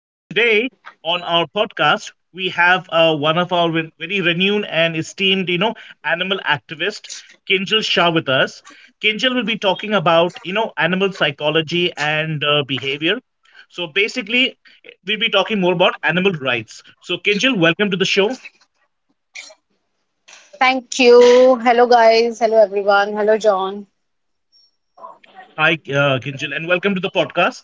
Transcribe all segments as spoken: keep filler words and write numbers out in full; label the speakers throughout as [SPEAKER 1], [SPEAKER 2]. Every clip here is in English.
[SPEAKER 1] And today on our podcast, we have uh, one of our re- very renowned and esteemed, you know, animal activist, Kinjal Shah, with us. Kinjal will be talking about, you know, animal psychology and uh, behavior. So basically, we'll be talking more about animal rights. So, Kinjal, welcome to the show.
[SPEAKER 2] Thank you. Hello, guys. Hello, everyone. Hello, John.
[SPEAKER 1] Hi, uh, Kinjal, and welcome to the podcast.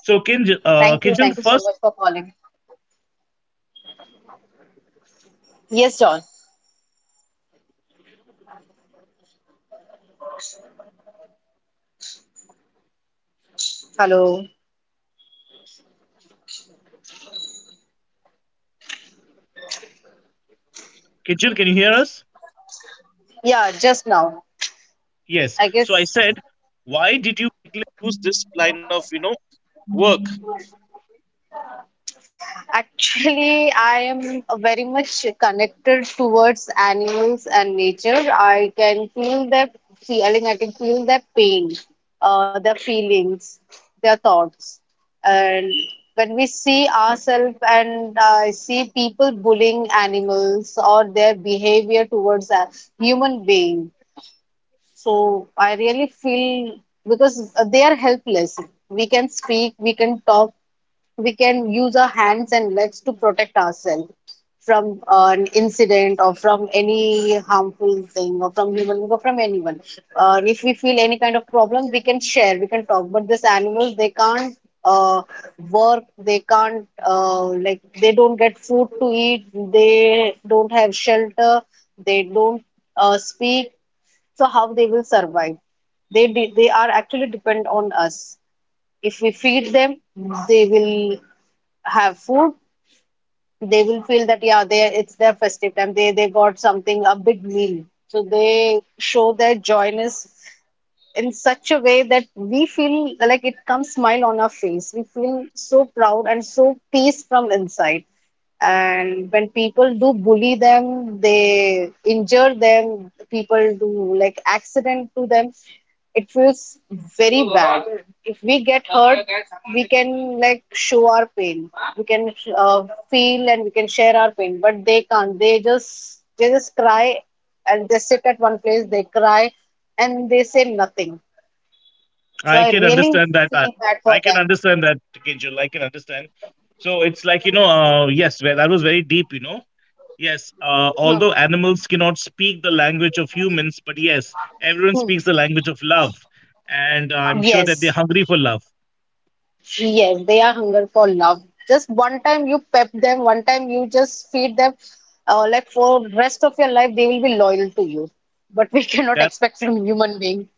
[SPEAKER 1] So, Kinjal, uh,
[SPEAKER 2] Thank you. Thank
[SPEAKER 1] Kinjal,
[SPEAKER 2] you so
[SPEAKER 1] first.
[SPEAKER 2] much for calling.
[SPEAKER 1] You're welcome. So, Kinjal, we like to begin with uh,
[SPEAKER 2] Yes,
[SPEAKER 1] the
[SPEAKER 2] John.
[SPEAKER 1] first question we like to ask you is, uh, Kinjal, why did you choose this profession of animal activist?
[SPEAKER 2] Hello.
[SPEAKER 1] Kinjal, can you hear us?
[SPEAKER 2] Yeah, just now.
[SPEAKER 1] Yes.
[SPEAKER 2] I
[SPEAKER 1] So, I
[SPEAKER 2] guess.
[SPEAKER 1] said, why?
[SPEAKER 2] Actually, I am very much connected towards animals and nature. I can feel their feeling, I can feel their pain, uh, their feelings, their thoughts. And when we see ourselves and I see people bullying animals or their behavior towards a human being, so I really feel because they are helpless. We can speak, we can talk, we can use our hands and legs to protect ourselves from uh, an incident or from any harmful thing or from human or from anyone. Uh, if we feel any kind of problem, we can share, we can talk. But these animals, they can't uh, work, they can't uh, like they don't get food to eat, they don't have shelter, they don't uh, speak. So how they will survive? They de- they are actually depend on us if we feed them they will have food, they will feel that yeah, they it's their festive time. They they got something a big meal, so they show their joyness in such a way that we feel like it comes smile on our face. We feel so proud and so peace from inside, and when people do bully them, they injure them, people do like accident to them. It feels very bad. If we get hurt, we can like show our pain, we can uh, feel and we can share our pain, but they can't, they just they just cry and they sit at one place, they cry and they say nothing. So
[SPEAKER 1] I
[SPEAKER 2] I
[SPEAKER 1] can
[SPEAKER 2] really
[SPEAKER 1] understand that. I,
[SPEAKER 2] feel bad for
[SPEAKER 1] I can
[SPEAKER 2] them.
[SPEAKER 1] understand that, Kinjal. I can understand. So it's like, you know, uh, yes, well, that was very deep, you know. Yes, uh,
[SPEAKER 2] Hmm,
[SPEAKER 1] although animals cannot speak the language of humans, but yes, everyone
[SPEAKER 2] hmm.
[SPEAKER 1] speaks the language of love. And I'm sure that they're
[SPEAKER 2] Yes.
[SPEAKER 1] hungry for love.
[SPEAKER 2] Yes, they are hunger for love. Just one time you pep them, one time you just feed them, uh, like for rest of your life they will be loyal to you. But we cannot
[SPEAKER 1] That
[SPEAKER 2] expect from human being.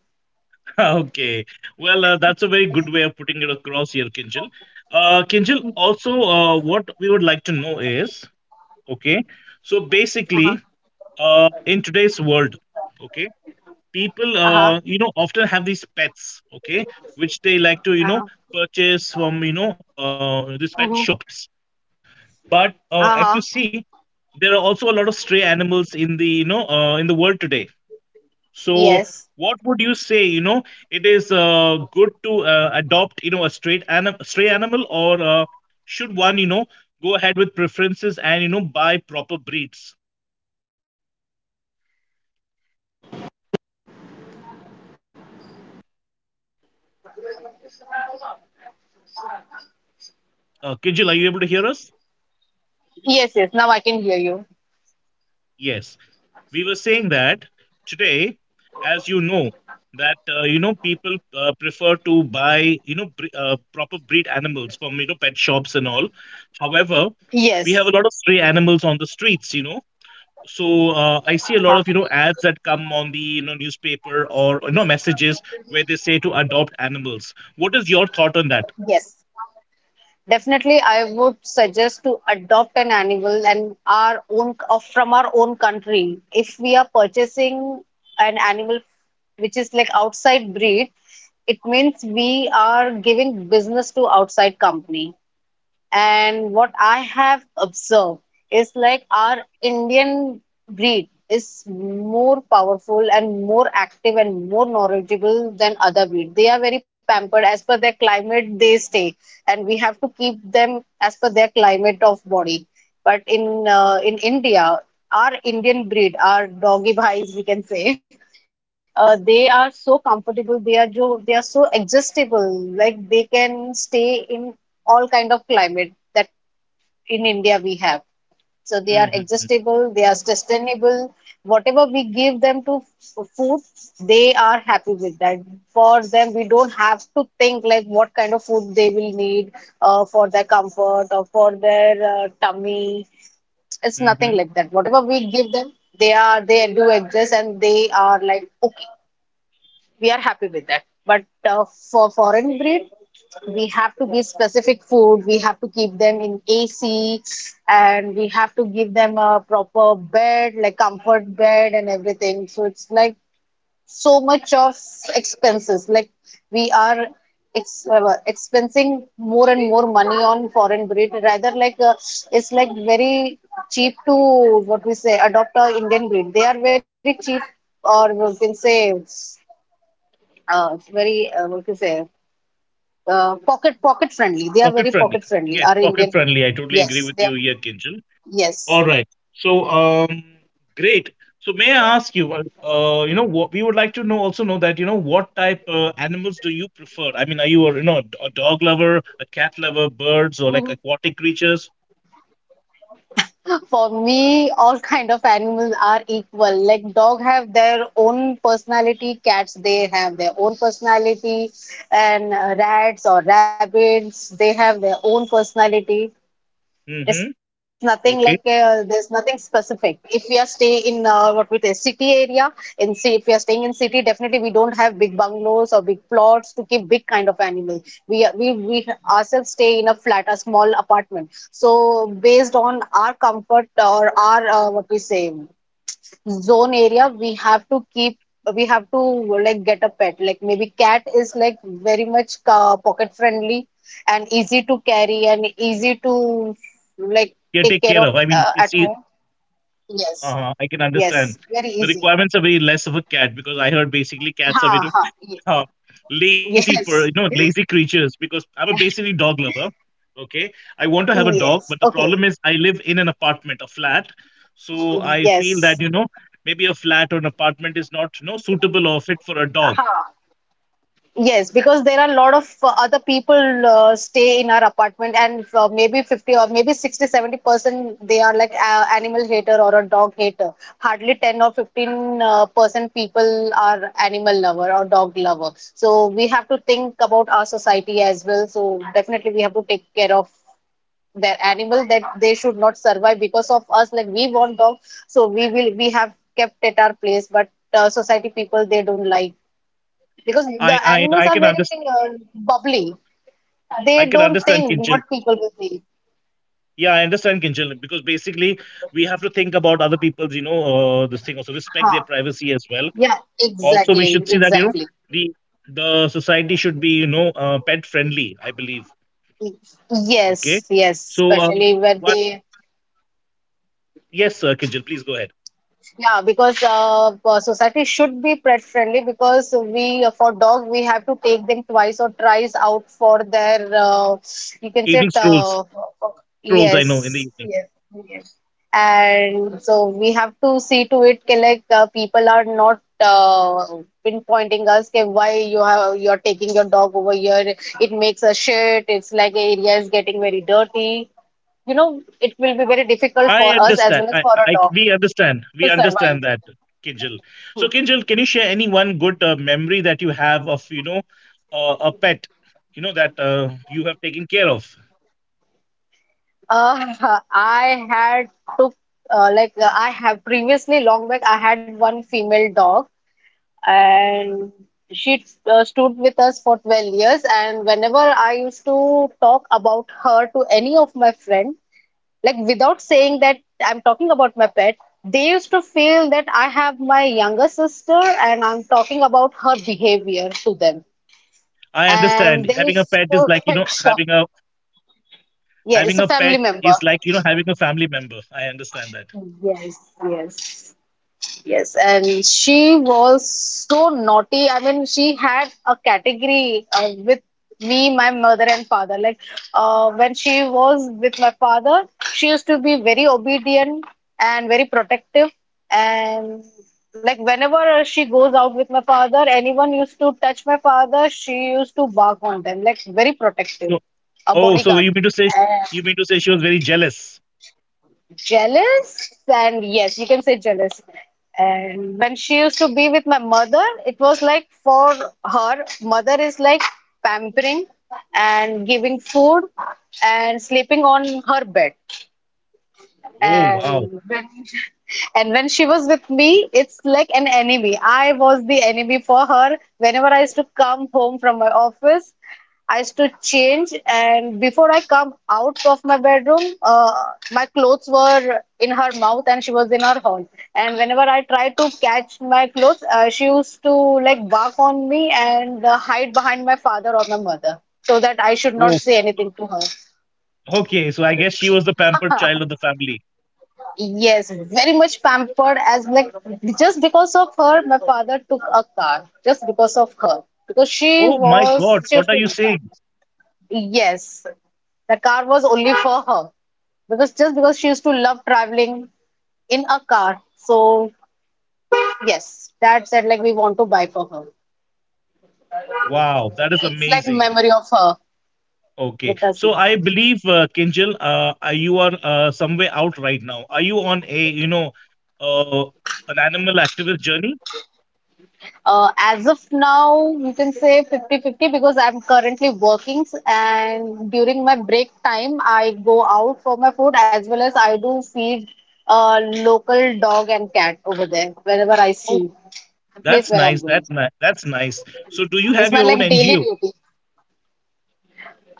[SPEAKER 1] okay. Well, uh, that's a very good way of putting it across here, Kinjal. Uh, Kinjal, also, uh, what we would like to know is, okay, so
[SPEAKER 2] Uh-huh.
[SPEAKER 1] basically, uh, in today's world, okay, people
[SPEAKER 2] Uh-huh.
[SPEAKER 1] uh, you know often have these pets, okay, which they like to, you know,
[SPEAKER 2] Uh-huh.
[SPEAKER 1] purchase from, you know, uh, these pet
[SPEAKER 2] Mhm.
[SPEAKER 1] shops. But uh, if you
[SPEAKER 2] Uh-huh.
[SPEAKER 1] see, there are also a lot of stray animals in the, you know, uh, in the world today. So
[SPEAKER 2] Yes.
[SPEAKER 1] what would you say, you know, it is uh, good to uh, adopt, you know, a straight anim- stray animal, or uh, should one, you know, go ahead with preferences and, you know, buy proper breeds? uh, kijil, are you able to hear us?
[SPEAKER 2] Yes, yes, now I can hear you.
[SPEAKER 1] Yes, we were saying that today, as you know, that uh, you know, people uh, prefer to buy, you know, bre- uh, proper breed animals from, you know, pet shops and all. However,
[SPEAKER 2] Yes,
[SPEAKER 1] we lot of stray animals on the streets, you know. So uh, I see a
[SPEAKER 2] uh
[SPEAKER 1] lot of, you know, ads that come on the, you know, newspaper or, you know, messages where they say to adopt animals. What is your thought on that?
[SPEAKER 2] yes. Definitely, I would suggest to adopt an animal and our own uh, from our own country. If we are purchasing an animal which is like outside breed, it means we are giving business to outside company. And what I have observed is like our Indian breed is more powerful and more active and more knowledgeable than other breed. They are very pampered as per their climate they stay, and we have to keep them as per their climate of body. But in uh, in India, our Indian breed, our doggy bhais, we can say, uh, they are so comfortable. They are jo they are so adjustable. Like they can stay in all kind of climate that in India we have. So they are
[SPEAKER 1] Mm-hmm. Mm-hmm.
[SPEAKER 2] adjustable, they are sustainable. Whatever we give them to f- food, they are happy with that. For them, we don't have to think like what kind of food they will need uh, for their comfort or for their uh, tummy. It's
[SPEAKER 1] Mm-hmm.
[SPEAKER 2] nothing like that. Whatever we give them, they are they do adjust and they are like okay, we are happy with that, but uh, for foreign breed we have to give specific food, we have to keep them in ac, and we have to give them a proper bed like comfort bed and everything. So it's like so much of expenses, like we are ex- uh, expensing more and more money on foreign breed rather like uh, it's like very cheap to what we say adopt a indian breed, they are very cheap. Or we can say uh, it's very uh, what to say uh, pocket pocket friendly. They are
[SPEAKER 1] Pocket
[SPEAKER 2] very
[SPEAKER 1] friendly.
[SPEAKER 2] pocket friendly.
[SPEAKER 1] Yes,
[SPEAKER 2] Our
[SPEAKER 1] pocket
[SPEAKER 2] Indian breed.
[SPEAKER 1] friendly, I totally agree
[SPEAKER 2] Yes,
[SPEAKER 1] with
[SPEAKER 2] they
[SPEAKER 1] you
[SPEAKER 2] are.
[SPEAKER 1] here, Kinjal.
[SPEAKER 2] Yes.
[SPEAKER 1] All right. So, um, great. So, may I ask you, uh, uh, you know, what we would like to know also know that, you know, what type uh, animals do you prefer? I mean, are you a, you know, a d- a dog lover, a cat lover, birds, or like
[SPEAKER 2] Mhm.
[SPEAKER 1] aquatic creatures?
[SPEAKER 2] For me, all kind of animals are equal. Like dog have their own personality, cats they have their own personality, and uh, rats or rabbits they have their own personality.
[SPEAKER 1] Mm-hmm.
[SPEAKER 2] It's nothing
[SPEAKER 1] Okay.
[SPEAKER 2] like uh, there's nothing specific. If we are staying in uh, what we say city area, in see if we are staying in city, definitely we don't have big bungalows or to keep big kind of animal. We we we ourselves stay in a flat, a small apartment. So based on our comfort or our uh, what we say zone area, we have to keep, we have to like get a pet. Like maybe cat is like very much uh, pocket friendly and easy to carry and easy to like
[SPEAKER 1] Yeah,
[SPEAKER 2] take
[SPEAKER 1] take
[SPEAKER 2] care
[SPEAKER 1] care
[SPEAKER 2] of
[SPEAKER 1] of. I mean,
[SPEAKER 2] uh,
[SPEAKER 1] you
[SPEAKER 2] at
[SPEAKER 1] see,
[SPEAKER 2] home. Yes,
[SPEAKER 1] uh, I can
[SPEAKER 2] yes,
[SPEAKER 1] understand.
[SPEAKER 2] very
[SPEAKER 1] The
[SPEAKER 2] easy.
[SPEAKER 1] requirements are very less of a cat because I heard basically cats
[SPEAKER 2] Ha
[SPEAKER 1] are very
[SPEAKER 2] ha, yes.
[SPEAKER 1] uh, lazy, per you know,
[SPEAKER 2] Yes,
[SPEAKER 1] lazy creatures, because I'm a basically dog lover. Okay, I want to have a dog,
[SPEAKER 2] yes,
[SPEAKER 1] but the
[SPEAKER 2] okay,
[SPEAKER 1] problem is I live in an apartment, a flat. So I feel that,
[SPEAKER 2] yes.
[SPEAKER 1] you know, maybe a flat or an apartment is not, you know, suitable or fit for a dog.
[SPEAKER 2] Ha. Yes, because there are a lot of uh, other people uh, stay in our apartment, and uh, maybe fifty or maybe sixty, seventy percent they are like a animal hater or a dog hater. Hardly ten or fifteen uh, percent people are animal lover or dog lover. So we have to think about our society as well. So definitely we have take care of their animal that they should not survive because of us. Like we want dog, so we will we have kept at our place, but uh, society people they don't like because the
[SPEAKER 1] i i,
[SPEAKER 2] animals
[SPEAKER 1] I
[SPEAKER 2] are
[SPEAKER 1] can
[SPEAKER 2] very
[SPEAKER 1] understand.
[SPEAKER 2] uh, bubbly.
[SPEAKER 1] I
[SPEAKER 2] They
[SPEAKER 1] can
[SPEAKER 2] don't
[SPEAKER 1] understand,
[SPEAKER 2] think
[SPEAKER 1] kinchil.
[SPEAKER 2] what people will think.
[SPEAKER 1] Yeah, I understand, kinchil, because basically we have to think about other people's, you know, uh, this thing, also respect
[SPEAKER 2] Huh.
[SPEAKER 1] their privacy as well.
[SPEAKER 2] Yeah,
[SPEAKER 1] Also we
[SPEAKER 2] exactly,
[SPEAKER 1] should see that, you know,
[SPEAKER 2] exactly.
[SPEAKER 1] the the society should be, you know, uh, pet friendly, I believe. Okay.
[SPEAKER 2] Yes, yes,
[SPEAKER 1] So, uh,
[SPEAKER 2] especially where
[SPEAKER 1] what?
[SPEAKER 2] they.
[SPEAKER 1] Yes, uh, Kinjal, please go ahead.
[SPEAKER 2] Yeah, because uh, uh, society should be pet friendly, because we uh, for dog we have to take them twice or thrice out for their uh, you can say
[SPEAKER 1] Evening
[SPEAKER 2] it,
[SPEAKER 1] strolls,
[SPEAKER 2] uh,
[SPEAKER 1] strolls. I know in the
[SPEAKER 2] yes
[SPEAKER 1] evening.
[SPEAKER 2] yes yes, and so we have to see to it कि like uh, people are not uh, pinpointing us कि why you have you are taking your dog over here, it makes a shit, it's like area is getting very dirty. You know, it will be very difficult
[SPEAKER 1] I
[SPEAKER 2] for us as
[SPEAKER 1] understand.
[SPEAKER 2] well as
[SPEAKER 1] I,
[SPEAKER 2] for a
[SPEAKER 1] I,
[SPEAKER 2] dog
[SPEAKER 1] we understand. We
[SPEAKER 2] to survive.
[SPEAKER 1] understand that, Kinjal. So, Kinjal, can you share any one good uh, memory that you have of, you know, uh, a pet, you know, that uh, you have taken care of?
[SPEAKER 2] Uh, I had to uh, like uh, I have previously long back I had one female dog, and she uh, stood with us for twelve years. And whenever I used to talk about her to any of my friends, like without saying that I'm talking about my pet, they used to feel that I have my younger sister and I'm talking about her behavior to them,
[SPEAKER 1] I
[SPEAKER 2] and
[SPEAKER 1] understand
[SPEAKER 2] they
[SPEAKER 1] having a
[SPEAKER 2] used
[SPEAKER 1] pet is
[SPEAKER 2] to
[SPEAKER 1] like, you
[SPEAKER 2] get
[SPEAKER 1] know,
[SPEAKER 2] shocked.
[SPEAKER 1] having a
[SPEAKER 2] Yeah, it's
[SPEAKER 1] having
[SPEAKER 2] a
[SPEAKER 1] a
[SPEAKER 2] family
[SPEAKER 1] pet
[SPEAKER 2] member.
[SPEAKER 1] is like, you know, having a family member. I understand that.
[SPEAKER 2] Yes, yes. Yes, and she was so naughty. I mean, she had a category uh, with me, my mother, and father. Like, uh, when she was with my father, she used to be very obedient and very protective. And like, whenever she goes out with my father, anyone used to touch my father, she used to bark on them, like, very
[SPEAKER 1] So,
[SPEAKER 2] protective, a
[SPEAKER 1] oh, so you
[SPEAKER 2] bodyguard.
[SPEAKER 1] mean to say, you mean to say she was very jealous?
[SPEAKER 2] Jealous, and yes you can say jealous. And when she used to be with my mother, it was like for her mother is like pampering and giving food and sleeping on her bed.
[SPEAKER 1] Oh wow.
[SPEAKER 2] And when and when she was with me, it's like an enemy. I was the enemy for her. Whenever I used to come home from my office, I used to change, and before I come out of my bedroom, uh, my clothes were in her mouth, and she was in her hall. And whenever I tried to catch my clothes, uh, she used to like bark on me and uh, hide behind my father or my mother so that I should not
[SPEAKER 1] Oh.
[SPEAKER 2] say anything to her.
[SPEAKER 1] Okay, so I guess she was the pampered child of the family.
[SPEAKER 2] Yes, very much pampered. As like, just because of her, my father took a car, just because of her, because she
[SPEAKER 1] Oh my
[SPEAKER 2] was
[SPEAKER 1] God,
[SPEAKER 2] she used
[SPEAKER 1] what are
[SPEAKER 2] to
[SPEAKER 1] you
[SPEAKER 2] love.
[SPEAKER 1] saying?
[SPEAKER 2] Yes, the car was only for her, because just because she used to love traveling in a car. So yes, dad said like we want to buy for her.
[SPEAKER 1] Wow, that is
[SPEAKER 2] It's like
[SPEAKER 1] amazing.
[SPEAKER 2] memory of her
[SPEAKER 1] Okay,
[SPEAKER 2] with us
[SPEAKER 1] so
[SPEAKER 2] now.
[SPEAKER 1] I believe uh, Kinjal, uh, uh, you are uh, somewhere out right now. Are you on a, you know, uh, an animal activist journey?
[SPEAKER 2] Uh, as of now, you can say fifty fifty, because I'm currently working, and during my break time, I go out for my food as well as I do feed uh, local dog and cat over there whenever I
[SPEAKER 1] Oh,
[SPEAKER 2] see the place
[SPEAKER 1] that's
[SPEAKER 2] where I'm
[SPEAKER 1] nice.
[SPEAKER 2] going.
[SPEAKER 1] That's nice. That's nice. So do you
[SPEAKER 2] It's
[SPEAKER 1] have
[SPEAKER 2] my
[SPEAKER 1] your own
[SPEAKER 2] like daily
[SPEAKER 1] N G O?
[SPEAKER 2] duty.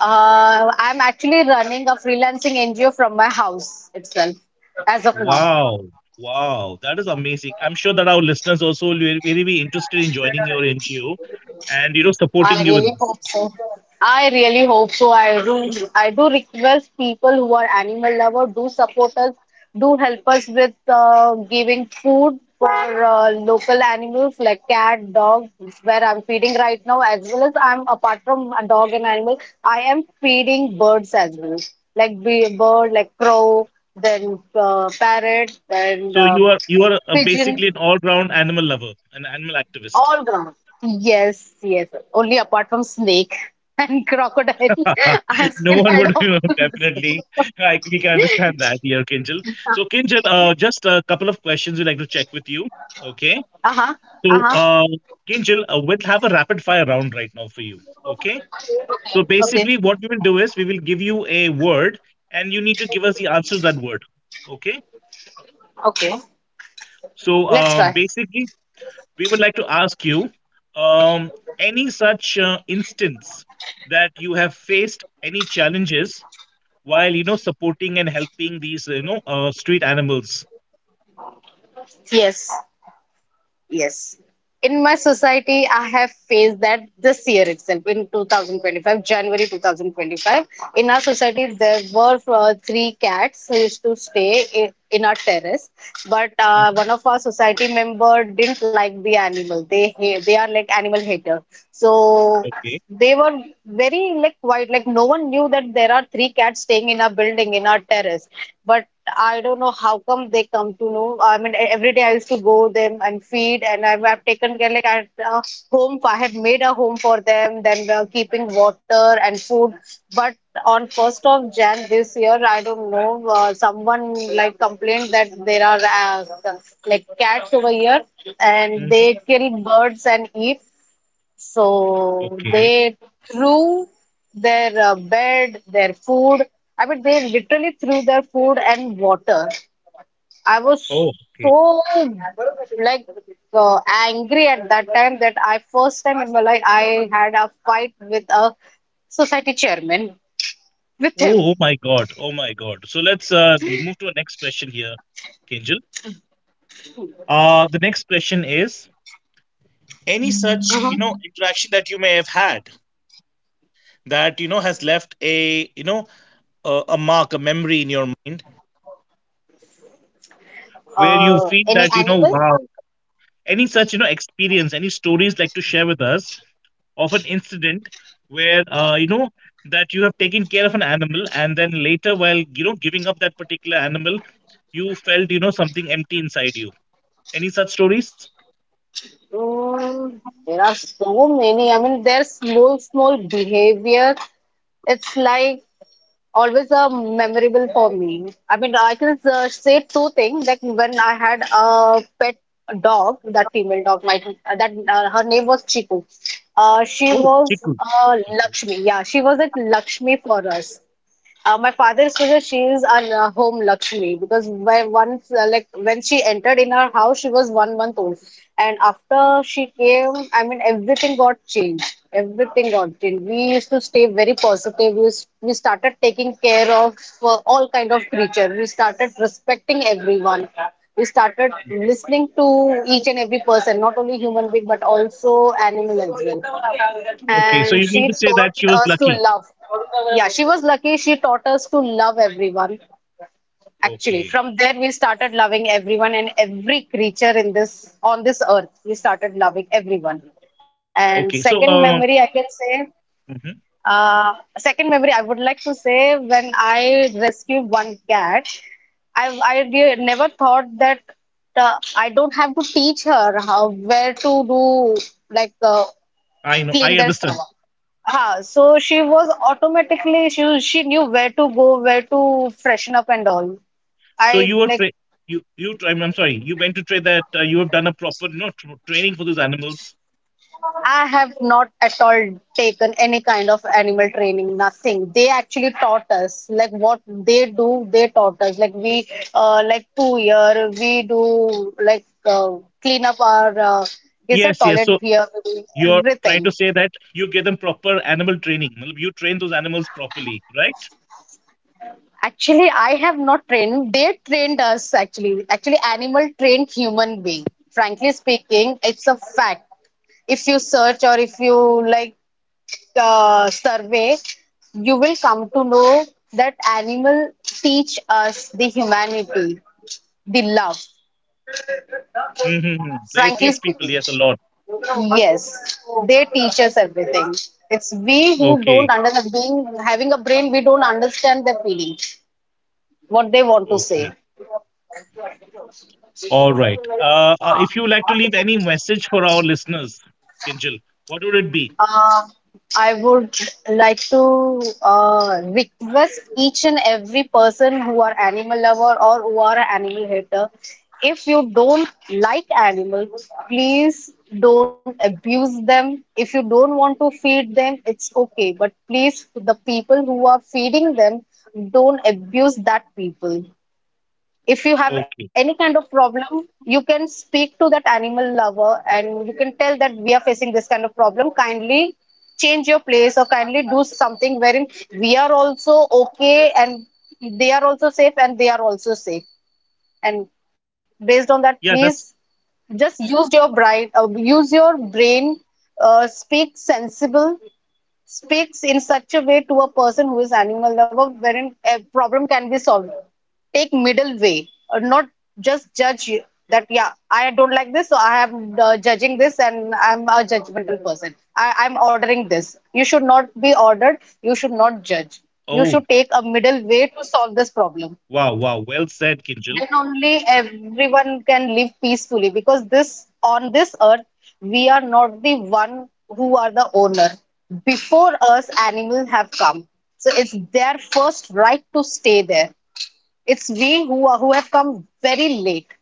[SPEAKER 2] Uh, I'm actually running a freelancing N G O from my house itself as of now.
[SPEAKER 1] Wow, wow, that is amazing. I'm sure that our listeners also will very very be interested in joining your N G O and, you know,
[SPEAKER 2] I
[SPEAKER 1] supporting you in
[SPEAKER 2] really
[SPEAKER 1] this.
[SPEAKER 2] hope so. I really hope so. I do, I do request people who are animal lover do support us, do help us with uh, giving food for uh, local animals like cat, dog, where I'm feeding right now. As well as I'm, apart from a dog and animal, I am feeding birds as well, like be bird, like crow, then uh, parrot, and
[SPEAKER 1] So
[SPEAKER 2] uh,
[SPEAKER 1] you are, you are uh,
[SPEAKER 2] pigeon.
[SPEAKER 1] basically an all-round animal lover, an animal activist.
[SPEAKER 2] All ground. Yes, yes. Only apart from snake and crocodile, I am
[SPEAKER 1] No one
[SPEAKER 2] scared
[SPEAKER 1] would, you
[SPEAKER 2] of.
[SPEAKER 1] know, definitely. I we can understand that here, Kinjal. So Kinjal, uh, just a couple of questions we'd like to check with you. Okay.
[SPEAKER 2] Uh huh.
[SPEAKER 1] So
[SPEAKER 2] Uh huh.
[SPEAKER 1] uh, Kinjal, uh, we'll have a rapid fire round right now for you. Okay. So
[SPEAKER 2] Okay.
[SPEAKER 1] basically, what we will do is we will give you a word, and you need to give us the answer to that word. Okay.
[SPEAKER 2] Okay.
[SPEAKER 1] So
[SPEAKER 2] Let's
[SPEAKER 1] um,
[SPEAKER 2] try.
[SPEAKER 1] basically, we would like to ask you, um, any such uh, instance that you have faced any challenges while, you know, supporting and helping these, you know, uh, street animals.
[SPEAKER 2] Yes. Yes. In my society, I have faced that this year itself, in twenty twenty-five, January twenty twenty-five. In our society, there were uh, three cats who used to stay in, in our terrace, but uh,
[SPEAKER 1] Mhm.
[SPEAKER 2] one of our society member didn't like the animal. They ha- they are like animal hater. So
[SPEAKER 1] Okay.
[SPEAKER 2] they were very like quiet, like no one knew that there are three cats staying in our building, in our terrace. But I don't know how come they come to know. I mean, e- every day I used to go them and feed, and I've, I've taken care like at uh, home. I had made a home for them, then uh, keeping water and food. But on first of Jan this year, I don't know. Uh, someone like complained that there are uh, like cats over here, and
[SPEAKER 1] Mhm.
[SPEAKER 2] they kill birds and eat. So
[SPEAKER 1] Okay.
[SPEAKER 2] they threw their uh, bed, their food. I mean, they literally threw their food and water. I was
[SPEAKER 1] Oh, okay.
[SPEAKER 2] so like uh, angry at that time that I first time in my life I had a fight with a society chairman with him.
[SPEAKER 1] Oh, oh my God. Oh my God. So let's uh, move to our next question here, Kinjal. Uh, the next question is
[SPEAKER 2] uh
[SPEAKER 1] where you
[SPEAKER 2] Uh,
[SPEAKER 1] feel
[SPEAKER 2] any
[SPEAKER 1] that, you know,
[SPEAKER 2] animal?
[SPEAKER 1] wow, any such, you know, experience, any stories like to share with us of an incident where uh, you know, that you have taken care of an animal, and then later, while, you know, giving up that particular animal, you felt, you know, something empty inside you. Any such stories?
[SPEAKER 2] Mm, there are so many. I mean, their small, small behavior. It's like always uh, memorable for me. I mean, I can uh, say two things. Like when I had a pet dog, that female dog, my that uh, her name was Chiku. Uh, she
[SPEAKER 1] Oh,
[SPEAKER 2] was
[SPEAKER 1] chiku.
[SPEAKER 2] uh,
[SPEAKER 1] Okay.
[SPEAKER 2] Lakshmi. Yeah, she was like Lakshmi for us. Uh, my father used to say she is a uh, home Lakshmi because by once uh, like when she entered in her house she was one month old. And after she came, I mean, everything got changed, everything got changed we used to stay very positive. We, s- we started taking care of uh, all kind of creature. We started respecting everyone. We started listening to each and every person, not only human being but also animal as well.
[SPEAKER 1] Okay, so
[SPEAKER 2] And
[SPEAKER 1] you mean
[SPEAKER 2] she
[SPEAKER 1] to say that
[SPEAKER 2] taught
[SPEAKER 1] she was
[SPEAKER 2] us to
[SPEAKER 1] lucky.
[SPEAKER 2] love. Yeah, she was lucky. She taught us to love everyone. Actually,
[SPEAKER 1] Okay,
[SPEAKER 2] from there we started loving everyone and every creature in this on this earth. We started loving everyone. And
[SPEAKER 1] okay
[SPEAKER 2] second
[SPEAKER 1] so
[SPEAKER 2] memory, I
[SPEAKER 1] um
[SPEAKER 2] can say,
[SPEAKER 1] mhm,
[SPEAKER 2] uh, second memory, I would like to say when I rescued one cat, I I de- never thought that uh, I don't have to teach her how where to do like uh,
[SPEAKER 1] I know, I
[SPEAKER 2] clean their
[SPEAKER 1] understand.
[SPEAKER 2] stomach. Ha, so she was automatically she was- she knew where to go, where to freshen up and all.
[SPEAKER 1] So
[SPEAKER 2] I
[SPEAKER 1] you were
[SPEAKER 2] like
[SPEAKER 1] tra- you you tra- i'm I'm sorry, you went to train that, uh, you have done a proper, you know, tr- training for those animals?
[SPEAKER 2] I have not at all taken any kind of animal training, nothing. They actually taught us like what they do, they taught us. Like we uh, like two year we do like uh, clean up our uh, is a
[SPEAKER 1] Yes, yes.
[SPEAKER 2] toilet
[SPEAKER 1] So
[SPEAKER 2] here, we do
[SPEAKER 1] you're trying to
[SPEAKER 2] everything.
[SPEAKER 1] say that you give them proper animal training. मतलब, you train those animals properly, right?
[SPEAKER 2] Actually, I have not trained. They trained us actually. Actually, animal trained human being. Frankly speaking, it's a fact. If you search or if you like uh, survey, you will come to know that animal teach us the humanity, the love.
[SPEAKER 1] Mm-hmm. They teach people,
[SPEAKER 2] Frankly
[SPEAKER 1] yes, a lot.
[SPEAKER 2] speaking, yes, they teach us everything. It's we who
[SPEAKER 1] Okay,
[SPEAKER 2] don't understand. Being having a brain, we don't understand their feelings, what they want to
[SPEAKER 1] okay.
[SPEAKER 2] say.
[SPEAKER 1] All right. Uh, uh, if you would like to leave any message for our listeners, Kinjal, what would it be?
[SPEAKER 2] Um, I would like to uh, request each and every person who are animal lover or who are animal hater. If you don't like animals, please don't abuse them. If you don't want to feed them, it's okay. But please, the people who are feeding them, don't abuse that people. If you have any
[SPEAKER 1] Okay.
[SPEAKER 2] kind of problem, you can speak to that animal lover and you can tell that we are facing this kind of problem. Kindly change your place or kindly do something wherein we are also okay and they are also safe and they are also safe. And based on that,
[SPEAKER 1] Yeah,
[SPEAKER 2] please
[SPEAKER 1] that's.
[SPEAKER 2] just use your brain, uh, use your brain, uh, speak sensible, speaks in such a way to a person who is animal lover wherein a problem can be solved, take middle way or not just judge you that yeah, I don't like this, so I am uh, judging this and I'm a judgmental person. I, I'm ordering this, you should not be ordered, you should not judge, you
[SPEAKER 1] Oh,
[SPEAKER 2] should take a middle way to solve this problem.
[SPEAKER 1] wow, wow. Well said, Kinjal.
[SPEAKER 2] Then only everyone can live peacefully, because this on this earth we are not the one who are the owner. Before us animals have come, so it's their first right to stay there. It's we who are who have come very late.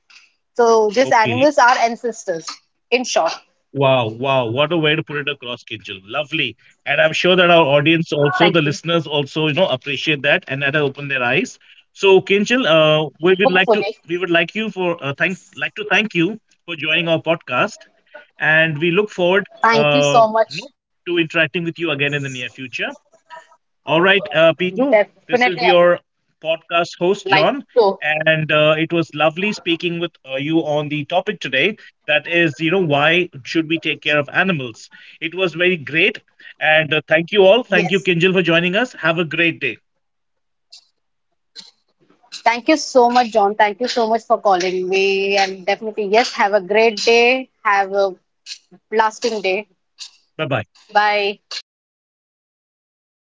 [SPEAKER 2] So these
[SPEAKER 1] Okay.
[SPEAKER 2] animals are ancestors, in short.
[SPEAKER 1] Wow, wow, what a way to put it across, Kinjal. Lovely. And I'm sure that our audience also, the listeners also, you know, appreciate that and that has opened their eyes. So, Kinjal, uh, we would like
[SPEAKER 2] Hopefully.
[SPEAKER 1] to we would like you for uh, thank like to thank you for joining our podcast, and we look forward,
[SPEAKER 2] Thank you
[SPEAKER 1] uh,
[SPEAKER 2] so much.
[SPEAKER 1] you know, to interacting with you again in the near future. All right, uh, Piju, this
[SPEAKER 2] Definitely
[SPEAKER 1] is
[SPEAKER 2] I would like
[SPEAKER 1] your
[SPEAKER 2] to.
[SPEAKER 1] podcast host, John. And uh, it was lovely speaking with uh, you on the topic today. That is, you know, why should we take care of animals? It was very great. And uh, thank you all.
[SPEAKER 2] Yes.
[SPEAKER 1] Thank you, Kinjal, for joining us. Have a great day.
[SPEAKER 2] Thank you so much, John. Thank you so much for calling me. And definitely, yes, have a great day. Have a lasting day.
[SPEAKER 1] Bye bye.
[SPEAKER 2] Bye.